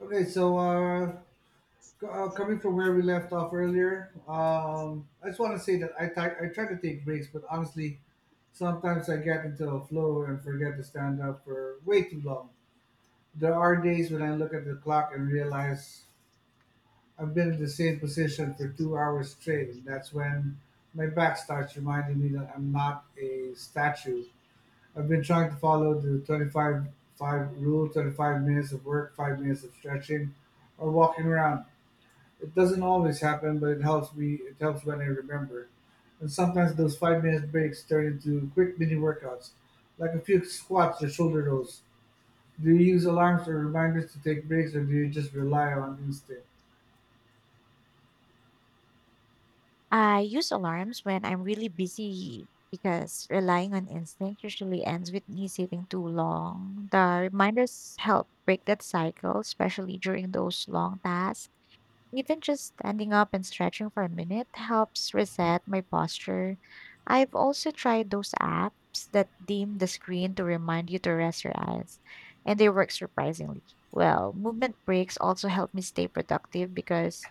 Okay, so uh, Coming from where we left off earlier, I just want to say that I try to take breaks, but honestly, sometimes I get into a flow and forget to stand up for way too long. There are days when I look at the clock and realize I've been in the same position for 2 hours straight, and that's when my back starts reminding me that I'm not a statue. I've been trying to follow the 25 five rule, 25 minutes of work, 5 minutes of stretching, or walking around. It doesn't always happen, but it helps me. It helps when I remember. And sometimes those 5 minute breaks turn into quick mini workouts, like a few squats or shoulder rolls. Do you use alarms or reminders to take breaks, or do you just rely on instinct? I use alarms when I'm really busy because relying on instinct usually ends with me sitting too long. The reminders help break that cycle, especially during those long tasks. Even just standing up and stretching for a minute helps reset my posture. I've also tried those apps that dim the screen to remind you to rest your eyes, and they work surprisingly well. Movement breaks also help me stay productive because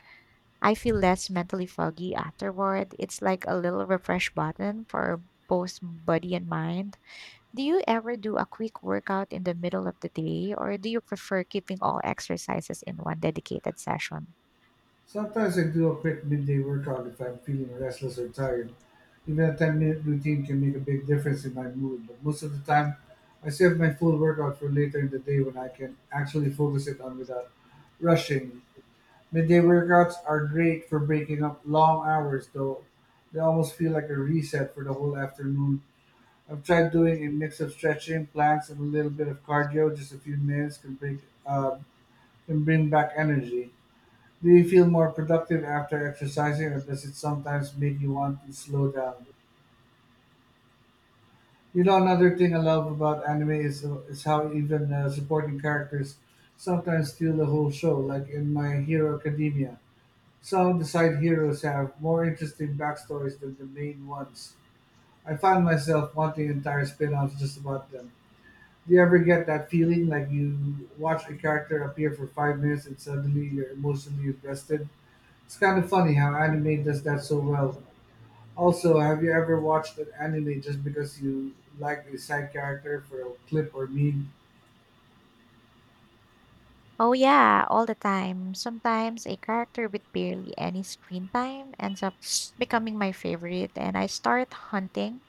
I feel less mentally foggy afterward. It's like a little refresh button for both body and mind. Do you ever do a quick workout in the middle of the day, or do you prefer keeping all exercises in one dedicated session? Sometimes I do a quick midday workout if I'm feeling restless or tired. Even a 10-minute routine can make a big difference in my mood, but most of the time, I save my full workout for later in the day when I can actually focus it on without rushing. Midday workouts are great for breaking up long hours, though. They almost feel like a reset for the whole afternoon. I've tried doing a mix of stretching, planks, and a little bit of cardio. Just a few minutes can uh, can bring back energy. Do you feel more productive after exercising, or does it sometimes make you want to slow down? You know, another thing I love about anime is how even supporting characters sometimes steal the whole show, like in My Hero Academia. Some of the side heroes have more interesting backstories than the main ones. I find myself wanting entire spin-offs just about them. Do you ever get that feeling like you watch a character appear for 5 minutes and suddenly you're emotionally invested? It's kind of funny how anime does that so well. Also, have you ever watched an anime just because you like a side character for a clip or meme? Oh, yeah, all the time. Sometimes a character with barely any screen time ends up becoming my favorite, and I start hunting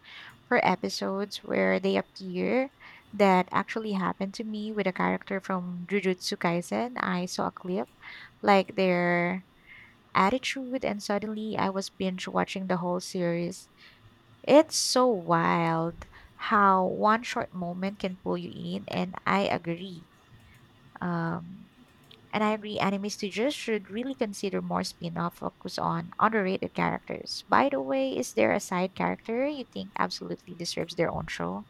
for episodes where they appear that actually happened to me with a character from Jujutsu Kaisen. I saw a clip like their attitude and suddenly I was binge watching the whole series. It's so wild how one short moment can pull you in and I agree. Um and I agree anime studios should really consider more spin-off focus on underrated characters. By the way, is there a side character you think absolutely deserves their own show?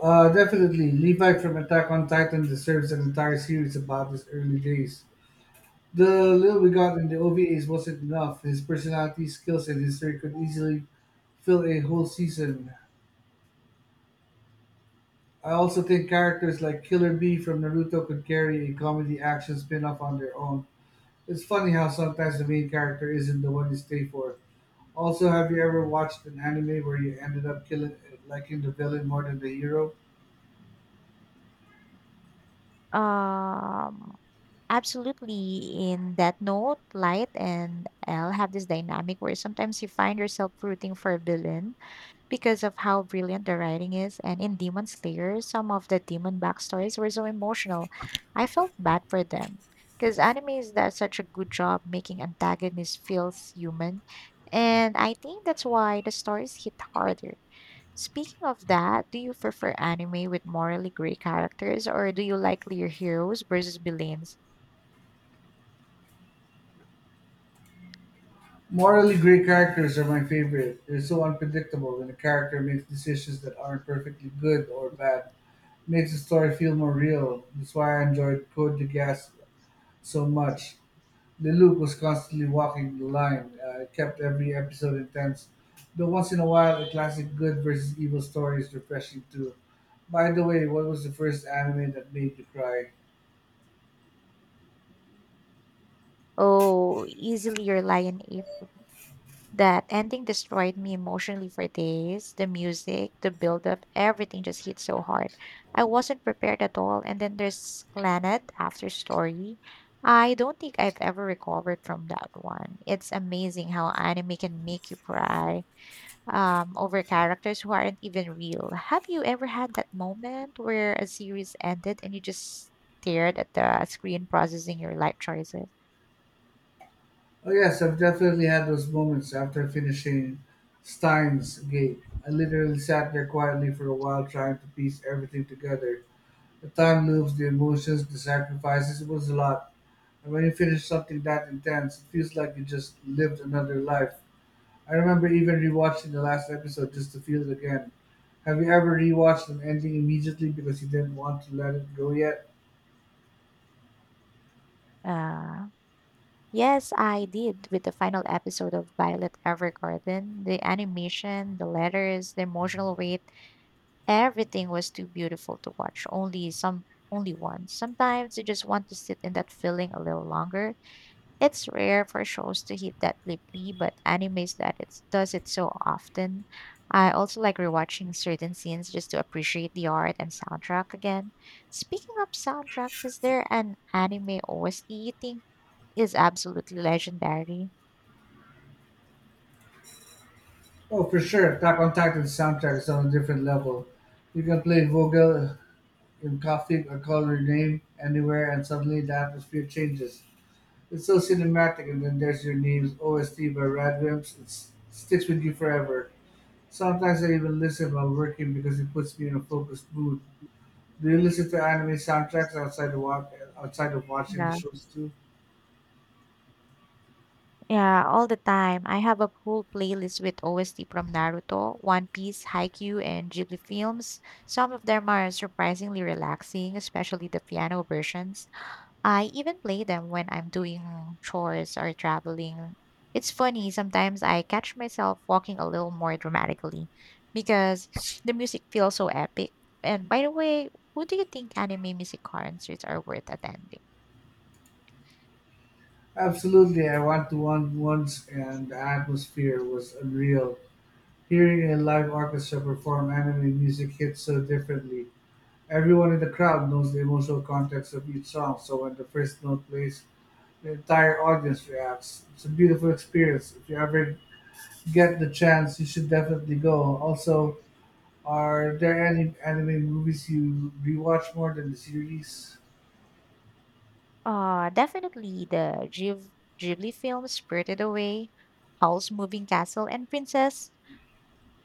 Definitely. Levi from Attack on Titan deserves an entire series about his early days. The little we got in the OVAs wasn't enough. His personality, skills, and history could easily fill a whole season. I also think characters like Killer Bee from Naruto could carry a comedy action spin off on their own. It's funny how sometimes the main character isn't the one you stay for. Also, have you ever watched an anime where you ended up liking the villain more than the hero? Um, absolutely. In that note, Light and Elle have this dynamic where sometimes you find yourself rooting for a villain because of how brilliant the writing is. And in Demon Slayer, some of the demon backstories were so emotional. I felt bad for them because animes does such a good job making antagonists feel human. And I think that's why the stories hit harder. Speaking of that, do you prefer anime with morally gray characters or do you like your heroes versus villains? Morally great characters are my favorite. They're so unpredictable when a character makes decisions that aren't perfectly good or bad. Makes the story feel more real. That's why I enjoyed Code Geass so much. Lelouch was constantly walking the line. It kept every episode intense. Though once in a while, a classic good versus evil story is refreshing too. By the way, what was the first anime that made you cry? Oh, easily your lion ape. That ending destroyed me emotionally for days. The music, the build-up, everything just hit so hard. I wasn't prepared at all. And then there's Planet After Story. I don't think I've ever recovered from that one. It's amazing how anime can make you cry over characters who aren't even real. Have you ever had that moment where a series ended and you just stared at the screen processing your life choices? Oh yes, I've definitely had those moments after finishing Steins Gate. I literally sat there quietly for a while trying to piece everything together. The time moves, the emotions, the sacrifices. It was a lot. And when you finish something that intense, it feels like you just lived another life. I remember even rewatching the last episode just to feel it again. Have you ever rewatched an ending immediately because you didn't want to let it go yet? Uh, yes, I did with the final episode of Violet Evergarden. The animation, the letters, the emotional weight, everything was too beautiful to watch. Only once. Sometimes you just want to sit in that feeling a little longer. It's rare for shows to hit that deeply, but animes that it does it so often. I also like rewatching certain scenes just to appreciate the art and soundtrack again. Speaking of soundtracks, is there an anime OST you think is absolutely legendary? Oh, for sure. Attack on Titan's soundtrack is on a different level. You can play Vogel in Coffee or Call Your Name anywhere, and suddenly the atmosphere changes. It's so cinematic, and then there's your name's OST by Radvimps. It sticks with you forever. Sometimes I even listen while working because it puts me in a focused mood. Do you listen to anime soundtracks outside of outside of watching the Yeah, shows too? yeah, all the time. I have a whole playlist with OST from Naruto, One Piece, Haikyuu, and Ghibli films. Some of them are surprisingly relaxing, especially the piano versions. I even play them when I'm doing chores or traveling. It's funny, sometimes I catch myself walking a little more dramatically because the music feels so epic. And by the way, who do you think anime music concerts are worth attending? Absolutely, I went to one once, and the atmosphere was unreal. Hearing a live orchestra perform anime music hits so differently. Everyone in the crowd knows the emotional context of each song, so when the first note plays, the entire audience reacts. It's a beautiful experience. If you ever get the chance, you should definitely go. Also, are there any anime movies you rewatch more than the series? Definitely the Ghibli films Spirited Away, Howl's Moving Castle, and Princess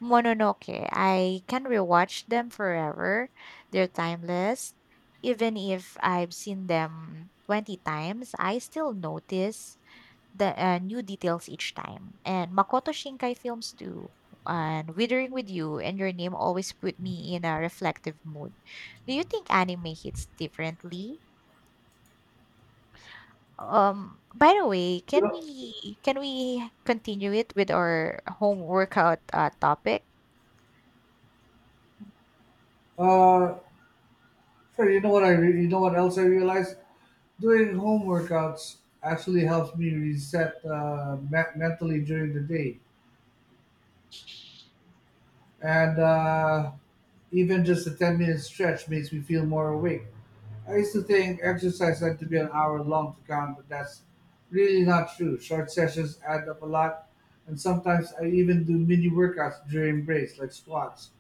Mononoke, I can rewatch them forever. They're timeless. Even if I've seen them 20 times, I still notice the new details each time. And Makoto Shinkai films too. And Withering with You and Your Name always put me in a reflective mood. Do you think anime hits differently? By the way, You can know, we can we continue it with our home workout topic? uh, Fred, you know what else I realized? Doing home workouts actually helps me reset mentally during the day, and even just a 10-minute stretch makes me feel more awake. I used to think exercise had to be an hour long to count, but that's really not true. Short sessions add up a lot, and sometimes I even do mini workouts during breaks, like squats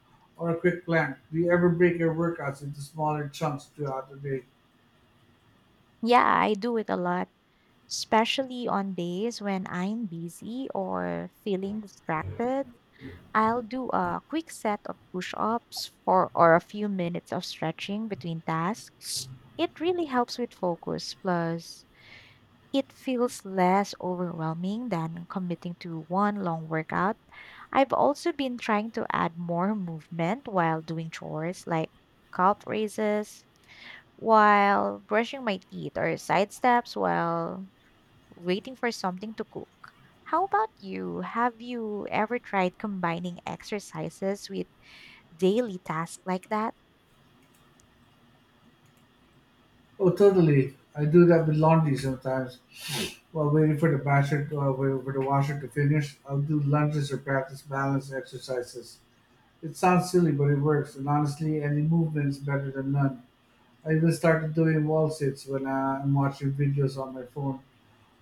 or a quick plank. Do you ever break your workouts into smaller chunks throughout the day? Yeah, I do it a lot, especially on days when I'm busy or feeling distracted. I'll do a quick set of push-ups for or a few minutes of stretching between tasks. It really helps with focus, plus it feels less overwhelming than committing to one long workout. I've also been trying to add more movement while doing chores like calf raises, while brushing my teeth or side steps while waiting for something to cook. How about you? Have you ever tried combining exercises with daily tasks like that? Oh, totally. I do that with laundry sometimes. While waiting for the waiting for the washer to finish, I'll do lunges or practice balance exercises. It sounds silly, but it works, and honestly, any movement is better than none. I even started doing wall sits when I'm watching videos on my phone.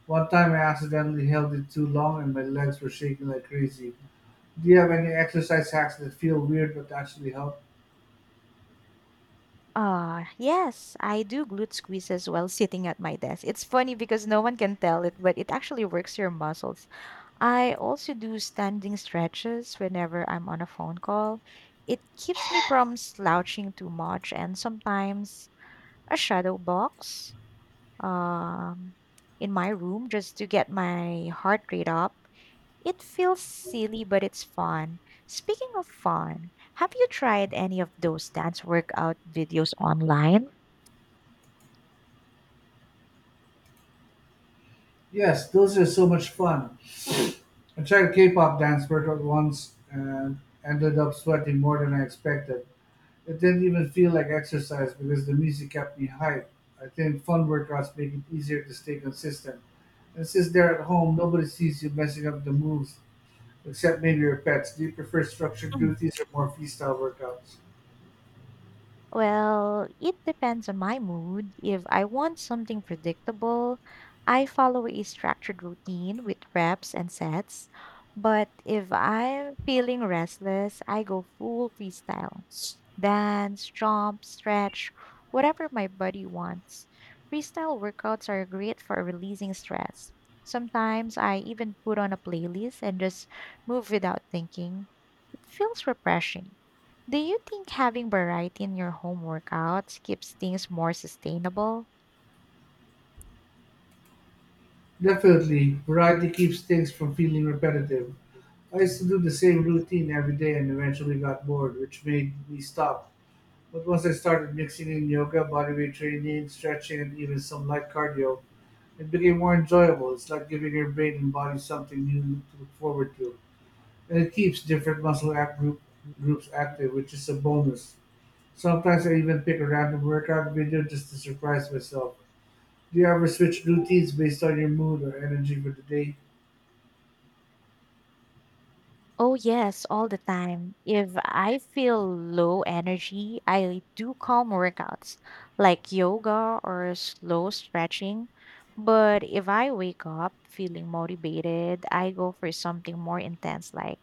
One time I accidentally held it too long and my legs were shaking like crazy. Do you have any exercise hacks that feel weird but actually help? Yes, I do glute squeezes while sitting at my desk. It's funny because no one can tell it, but it actually works your muscles. I also do standing stretches whenever I'm on a phone call. It keeps me from slouching too much, and sometimes a shadow box um, in my room just to get my heart rate up. It feels silly, but it's fun. Speaking of fun, have you tried any of those dance workout videos online? Yes, those are so much fun. I tried K pop dance workout once and ended up sweating more than I expected. It didn't even feel like exercise because the music kept me hyped. I think fun workouts make it easier to stay consistent. And since they're at home, nobody sees you messing up the moves, except maybe your pets. Do you prefer structured duties or more freestyle workouts? Well, it depends on my mood. If I want something predictable, I follow a structured routine with reps and sets. But if I'm feeling restless, I go full freestyle. Dance, jump, stretch, whatever my body wants. Freestyle workouts are great for releasing stress. Sometimes I even put on a playlist and just move without thinking. It feels refreshing. Do you think having variety in your home workouts keeps things more sustainable? Definitely, variety keeps things from feeling repetitive. I used to do the same routine every day and eventually got bored, which made me stop. But once I started mixing in yoga, bodyweight training, stretching, and even some light cardio, it became more enjoyable. It's like giving your brain and body something new to look forward to. And it keeps different groups active, which is a bonus. Sometimes I even pick a random workout video just to surprise myself. Do you ever switch routines based on your mood or energy for the day? Oh, yes, all the time. If I feel low energy, I do calm workouts like yoga or slow stretching. But if I wake up feeling motivated, I go for something more intense like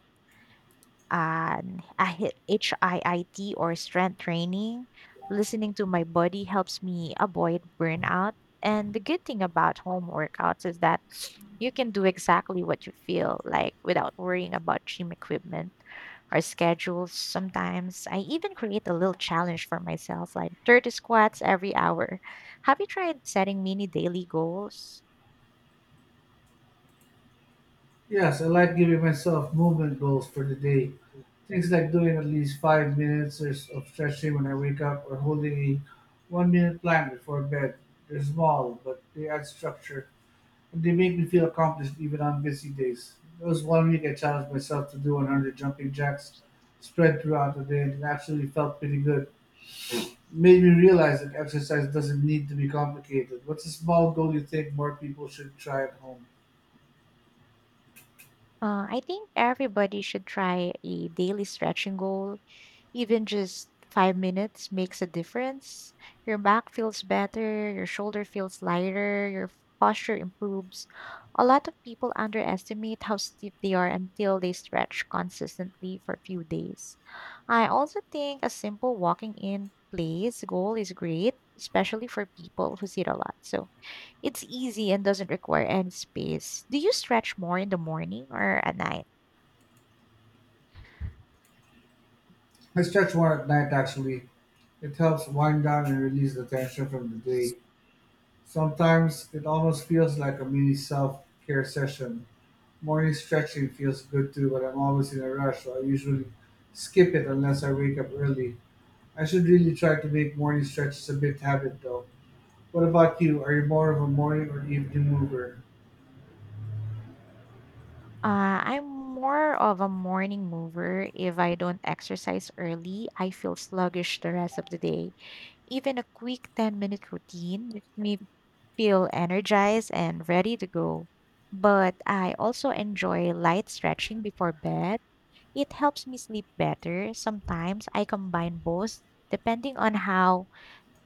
HIIT or strength training. Listening to my body helps me avoid burnout. And the good thing about home workouts is that you can do exactly what you feel like without worrying about gym equipment or schedules. Sometimes I even create a little challenge for myself, like 30 squats every hour. Have you tried setting mini daily goals? Yes, I like giving myself movement goals for the day. Things like doing at least 5 minutes of stretching when I wake up or holding a 1 minute plank before bed. They're small, but they add structure and they make me feel accomplished even on busy days. There was one week I challenged myself to do 100 jumping jacks spread throughout the day and it actually felt pretty good. Made me realize that exercise doesn't need to be complicated. What's a small goal you think more people should try at home? I think everybody should try a daily stretching goal. Even just 5 minutes makes a difference. Your back feels better, your shoulder feels lighter, your posture improves. A lot of people underestimate how stiff they are until they stretch consistently for a few days. I also think a simple walking in place goal is great, especially for people who sit a lot. So it's easy and doesn't require any space. Do you stretch more in the morning or at night? I stretch more at night actually. It helps wind down and release the tension from the day. Sometimes it almost feels like a mini self care session. Morning stretching feels good too, but I'm always in a rush, so I usually skip it unless I wake up early. I should really try to make morning stretches a bit habit though. What about you? Are you more of a morning or evening mover? I'm more of a morning mover. If I don't exercise early, I feel sluggish the rest of the day. Even a quick 10-minute routine makes me feel energized and ready to go. But I also enjoy light stretching before bed. It helps me sleep better. Sometimes I combine both depending on how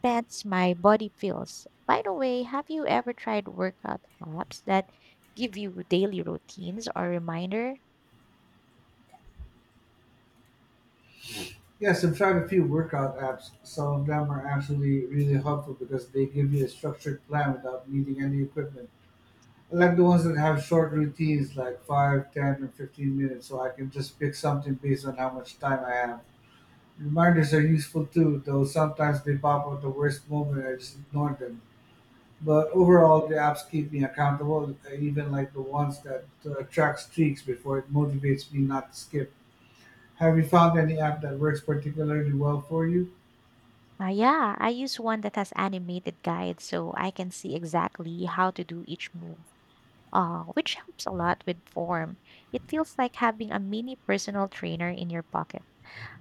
tense my body feels. By the way, have you ever tried workout apps that give you daily routines or reminder? Yes, I've tried a few workout apps. Some of them are actually really helpful because they give you a structured plan without needing any equipment. I like the ones that have short routines, like 5, 10, or 15 minutes, so I can just pick something based on how much time I have. Reminders are useful too, though sometimes they pop up at the worst moment and I just ignore them. But overall, the apps keep me accountable. I even like the ones that track streaks before it motivates me not to skip. Have you found any app that works particularly well for you? Yeah, I use one that has animated guides so I can see exactly how to do each move, which helps a lot with form. It feels like having a mini personal trainer in your pocket.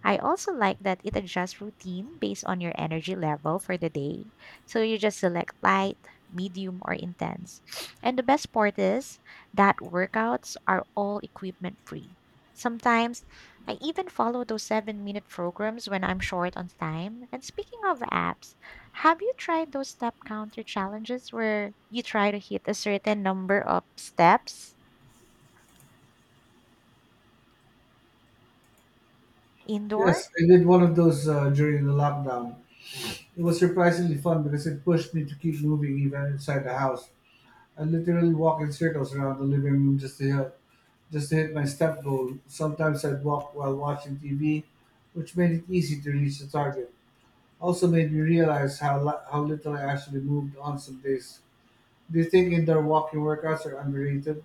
I also like that it adjusts routine based on your energy level for the day. So you just select light, medium, or intense. And the best part is that workouts are all equipment free. Sometimes I even follow those 7 minute programs when I'm short on time. And speaking of apps, have you tried those step counter challenges where you try to hit a certain number of steps indoor? Yes, I did one of those during the lockdown. It was surprisingly fun because it pushed me to keep moving even inside the house. I literally walk in circles around the living room just to hit my step goal. Sometimes I'd walk while watching TV, which made it easy to reach the target. Also made me realize how little I actually moved on some days. Do you think indoor walking workouts are underrated?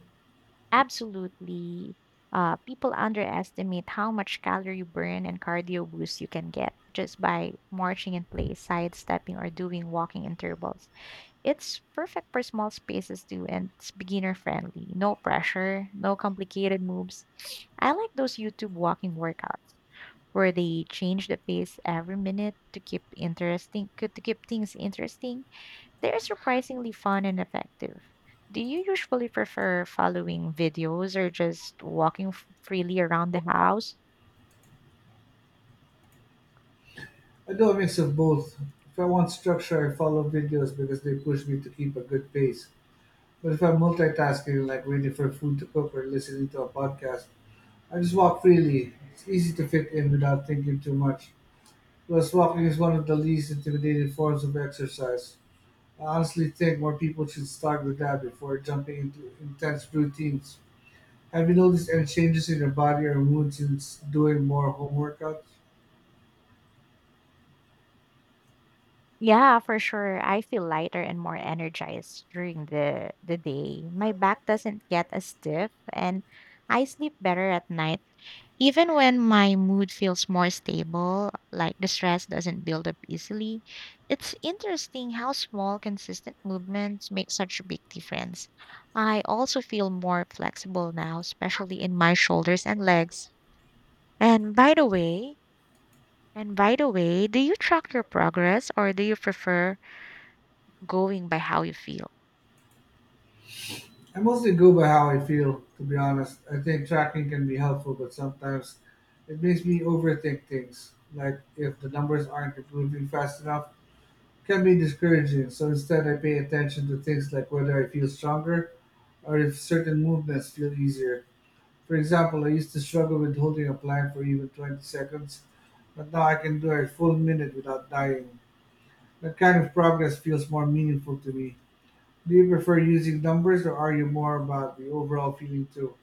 Absolutely. People underestimate how much calorie burn and cardio boost you can get just by marching in place, sidestepping, or doing walking intervals. It's perfect for small spaces too, and it's beginner friendly. No pressure, no complicated moves. I like those YouTube walking workouts where they change the pace every minute to keep things interesting. They're surprisingly fun and effective. Do you usually prefer following videos or just walking freely around the house? I do a mix of both. If I want structure, I follow videos because they push me to keep a good pace. But if I'm multitasking, like waiting for food to cook or listening to a podcast, I just walk freely. It's easy to fit in without thinking too much. Plus, walking is one of the least intimidating forms of exercise. I honestly think more people should start with that before jumping into intense routines. Have you noticed any changes in your body or mood since doing more home workouts? Yeah, for sure. I feel lighter and more energized during the day. My back doesn't get as stiff and I sleep better at night. Even when my mood feels more stable, like the stress doesn't build up easily, it's interesting how small, consistent movements make such a big difference. I also feel more flexible now, especially in my shoulders and legs. And by the way, and by the way, do you track your progress or do you prefer going by how you feel? I mostly go by how I feel, to be honest. I think tracking can be helpful, but sometimes it makes me overthink things. Like if the numbers aren't improving fast enough, it can be discouraging. So instead, I pay attention to things like whether I feel stronger or if certain movements feel easier. For example, I used to struggle with holding a plank for even 20 seconds, but now I can do a full minute without dying. That kind of progress feels more meaningful to me. Do you prefer using numbers or are you more about the overall feeling too?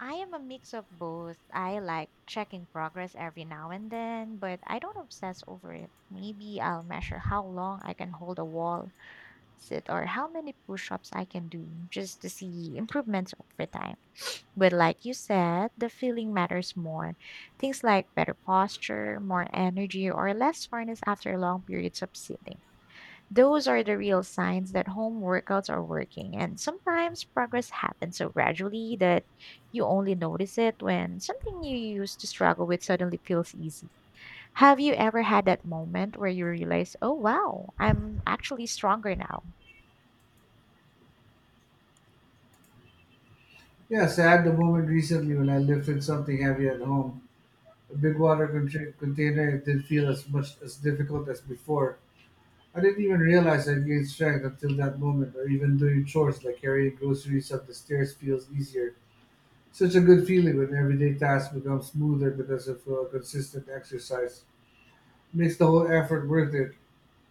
I am a mix of both. I like checking progress every now and then, but I don't obsess over it. Maybe I'll measure how long I can hold a wall sit, or how many push ups I can do just to see improvements over time. But like you said, the feeling matters more. Things like better posture, more energy, or less soreness after long periods of sitting. Those are the real signs that home workouts are working, and sometimes progress happens so gradually that you only notice it when something you used to struggle with suddenly feels easy. Have you ever had that moment where you realize, oh wow, I'm actually stronger now? Yes, I had the moment recently when I lifted something heavy at home. A big water container it did feel as much as difficult as before. I didn't even realize I gained strength until that moment, or even doing chores like carrying groceries up the stairs feels easier. Such a good feeling when everyday tasks become smoother because of consistent exercise. Makes the whole effort worth it.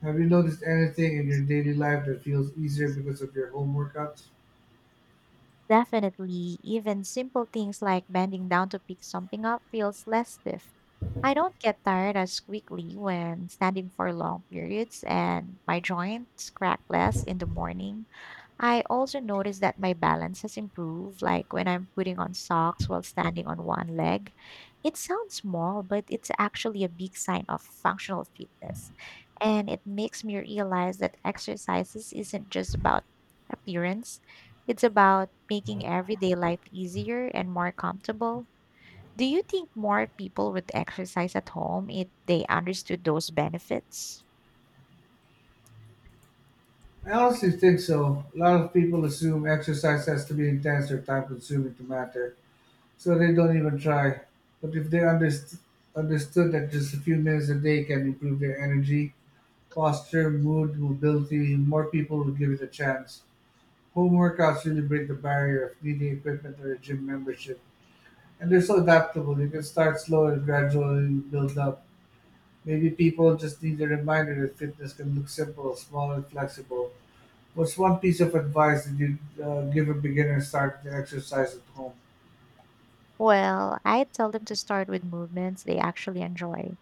Have you noticed anything in your daily life that feels easier because of your home workouts? Definitely, even simple things like bending down to pick something up feels less stiff. I don't get tired as quickly when standing for long periods, and my joints crack less in the morning. I also notice that my balance has improved, like when I'm putting on socks while standing on one leg. It sounds small, but it's actually a big sign of functional fitness. And it makes me realize that exercises isn't just about appearance, it's about making everyday life easier and more comfortable. Do you think more people would exercise at home if they understood those benefits? I honestly think so. A lot of people assume exercise has to be intense or time consuming to matter, so they don't even try. But if they understood that just a few minutes a day can improve their energy, posture, mood, mobility, more people would give it a chance. Home workouts really break the barrier of needing equipment or a gym membership. And they're so adaptable. You can start slow and gradually build up. Maybe people just need a reminder that fitness can look simple, small, and flexible. What's one piece of advice that you'd give a beginner starting to exercise at home? Well, I tell them to start with movements they actually enjoy.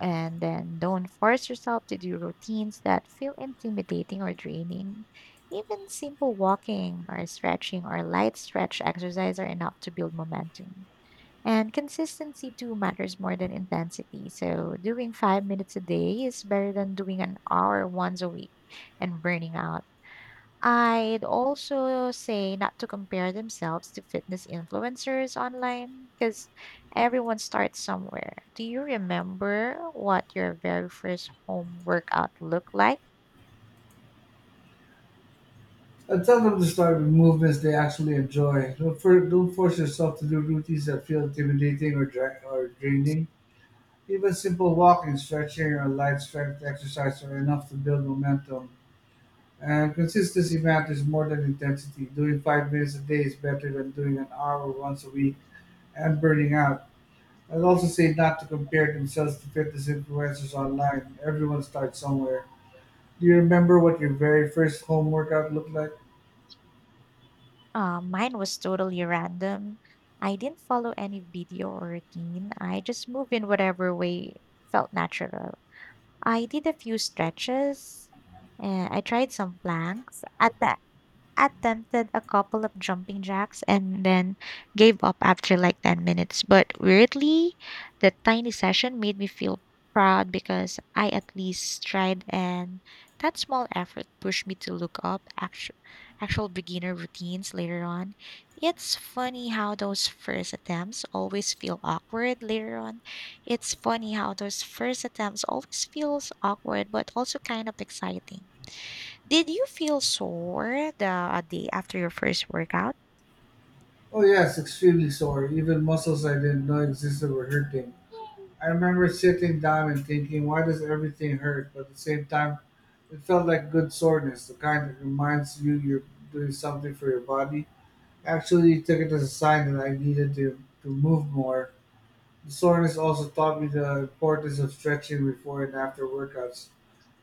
And then don't force yourself to do routines that feel intimidating or draining. Even simple walking or stretching or light stretch exercise are enough to build momentum. And consistency too matters more than intensity. So doing 5 minutes a day is better than doing an hour once a week and burning out. I'd also say not to compare themselves to fitness influencers online because everyone starts somewhere. Do you remember what your very first home workout looked like? I'd tell them to start with movements they actually enjoy. Don't force yourself to do routines that feel intimidating or draining. Even simple walking, stretching, or light strength exercise are enough to build momentum. And consistency matters more than intensity. Doing 5 minutes a day is better than doing an hour once a week and burning out. I'd also say not to compare themselves to fitness influencers online. Everyone starts somewhere. Do you remember what your very first home workout looked like? Mine was totally random. I didn't follow any video or routine. I just moved in whatever way felt natural. I did a few stretches and I tried some planks. At the attempted a couple of jumping jacks and then gave up after like 10 minutes. But weirdly, the tiny session made me feel proud because I at least tried, and that small effort pushed me to look up actual beginner routines later on. It's funny how those first attempts always feel awkward later on. It's funny how those first attempts always feels awkward but also kind of exciting. Did you feel sore the day after your first workout? Oh, yes, extremely sore. Even muscles I didn't know existed were hurting. I remember sitting down and thinking, why does everything hurt? But at the same time, it felt like good soreness, the kind that reminds you you're doing something for your body. Actually he took it as a sign that I needed to move more. The soreness also taught me the importance of stretching before and after workouts.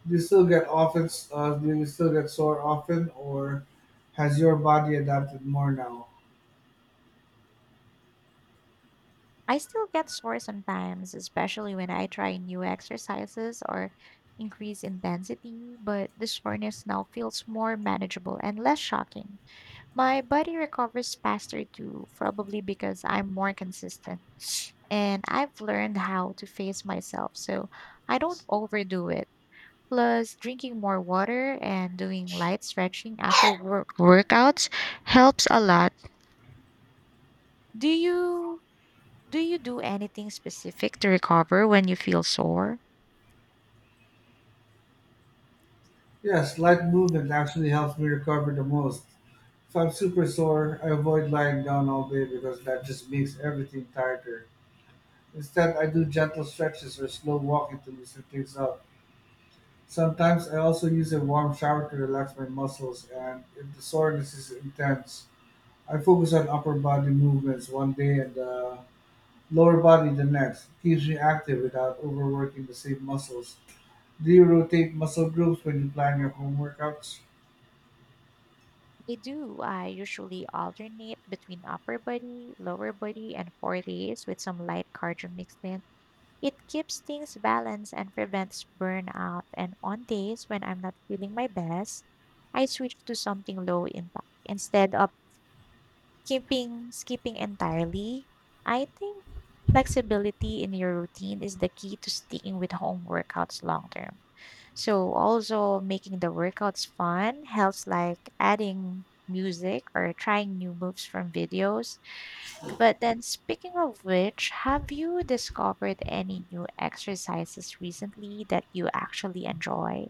Do you still get sore often or has your body adapted more now? I still get sore sometimes, especially when I try new exercises or increase intensity, but the soreness now feels more manageable and less shocking. My body recovers faster too, probably because I'm more consistent and I've learned how to face myself so I don't overdo it. Plus, drinking more water and doing light stretching after workouts helps a lot. Do you do you do anything specific to recover when you feel sore? Yes, light movement actually helps me recover the most. If I'm super sore, I avoid lying down all day because that just makes everything tighter. Instead, I do gentle stretches or slow walking to loosen things up. Sometimes I also use a warm shower to relax my muscles, and if the soreness is intense, I focus on upper body movements one day and the lower body the next. It keeps me active without overworking the same muscles. Do you rotate muscle groups when you plan your home workouts? I do. I usually alternate between upper body, lower body, and core days with some light cardio mixed in. It keeps things balanced and prevents burnout. And on days when I'm not feeling my best, I switch to something low impact instead of keeping skipping entirely. I think flexibility in your routine is the key to sticking with home workouts long term. So also making the workouts fun helps like adding music or trying new moves from videos. But then speaking of which, have you discovered any new exercises recently that you actually enjoy?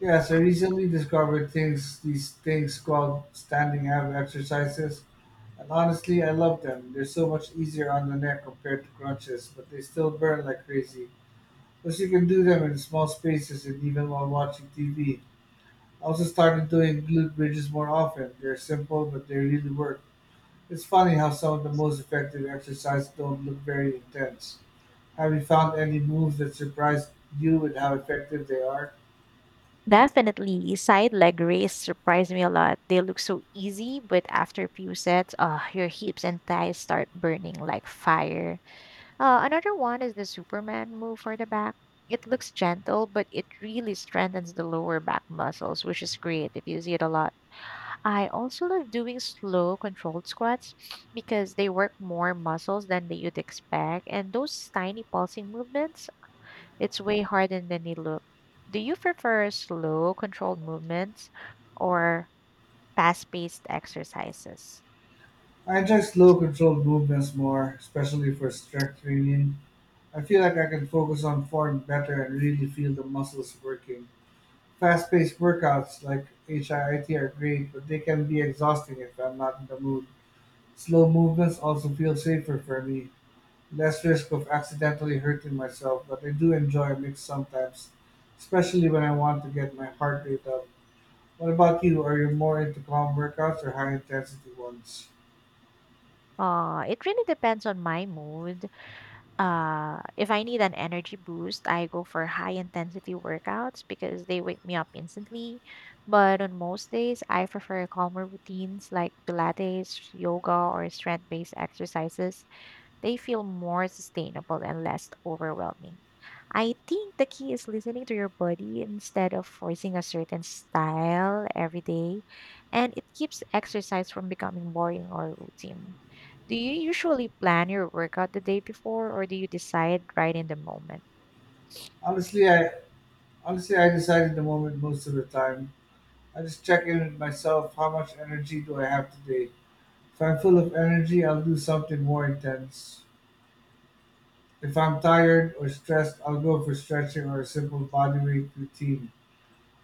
Yes, I recently discovered things these things called standing ab exercises. And honestly, I love them. They're so much easier on the neck compared to crunches, but they still burn like crazy. Plus you can do them in small spaces and even while watching TV. I also started doing glute bridges more often. They're simple, but they really work. It's funny how some of the most effective exercises don't look very intense. Have you found any moves that surprised you with how effective they are? Definitely. Side leg raise surprised me a lot. They look so easy, but after a few sets, ah, your hips and thighs start burning like fire. Another one is the Superman move for the back. It looks gentle, but it really strengthens the lower back muscles, which is great if you see it a lot. I also love doing slow, controlled squats because they work more muscles than that you'd expect. And those tiny pulsing movements, it's way harder than they look. Do you prefer slow, controlled movements or fast paced exercises? I enjoy slow, controlled movements more, especially for strength training. I feel like I can focus on form better and really feel the muscles working. Fast-paced workouts like HIIT are great, but they can be exhausting if I'm not in the mood. Slow movements also feel safer for me, less risk of accidentally hurting myself, but I do enjoy a mix sometimes, especially when I want to get my heart rate up. What about you? Are you more into calm workouts or high intensity ones? It really depends on my mood. If I need an energy boost, I go for high intensity workouts because they wake me up instantly. But on most days, I prefer calmer routines like Pilates, yoga, or strength based exercises. They feel more sustainable and less overwhelming. I think the key is listening to your body instead of forcing a certain style every day, and it keeps exercise from becoming boring or routine. Do you usually plan your workout the day before, or do you decide right in the moment? Honestly, I honestly, I decide in the moment most of the time. I just check in with myself. How much energy do I have today? If I'm full of energy, I'll do something more intense. If I'm tired or stressed, I'll go for stretching or a simple body weight routine.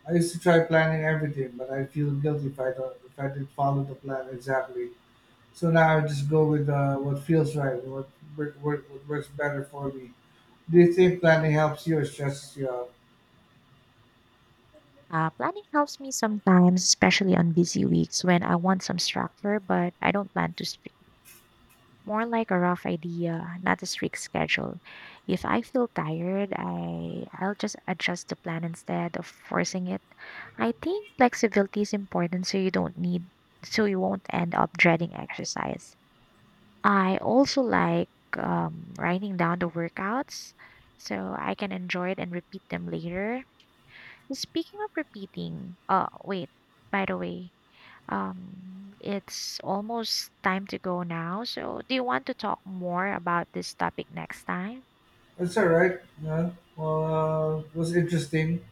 I used to try planning everything, but I feel guilty if I didn't follow the plan exactly. So now I just go with what feels right and what works better for me. Do you think planning helps you or stresses you out? Planning helps me sometimes, especially on busy weeks when I want some structure, but I don't plan too strict. More like a rough idea, not a strict schedule. If I feel tired, I'll just adjust the plan instead of forcing it. I think flexibility is important so you don't need so you won't end up dreading exercise. I also like writing down the workouts so I can enjoy it and repeat them later. Speaking of repeating, oh wait, by the way, it's almost time to go now. So, do you want to talk more about this topic next time? That's all right. Yeah. Well, it was interesting.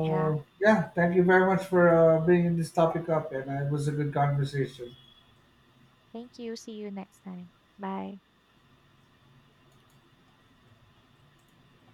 Yeah. yeah, thank you very much for bringing this topic up, and it was a good conversation. Thank you. See you next time. Bye.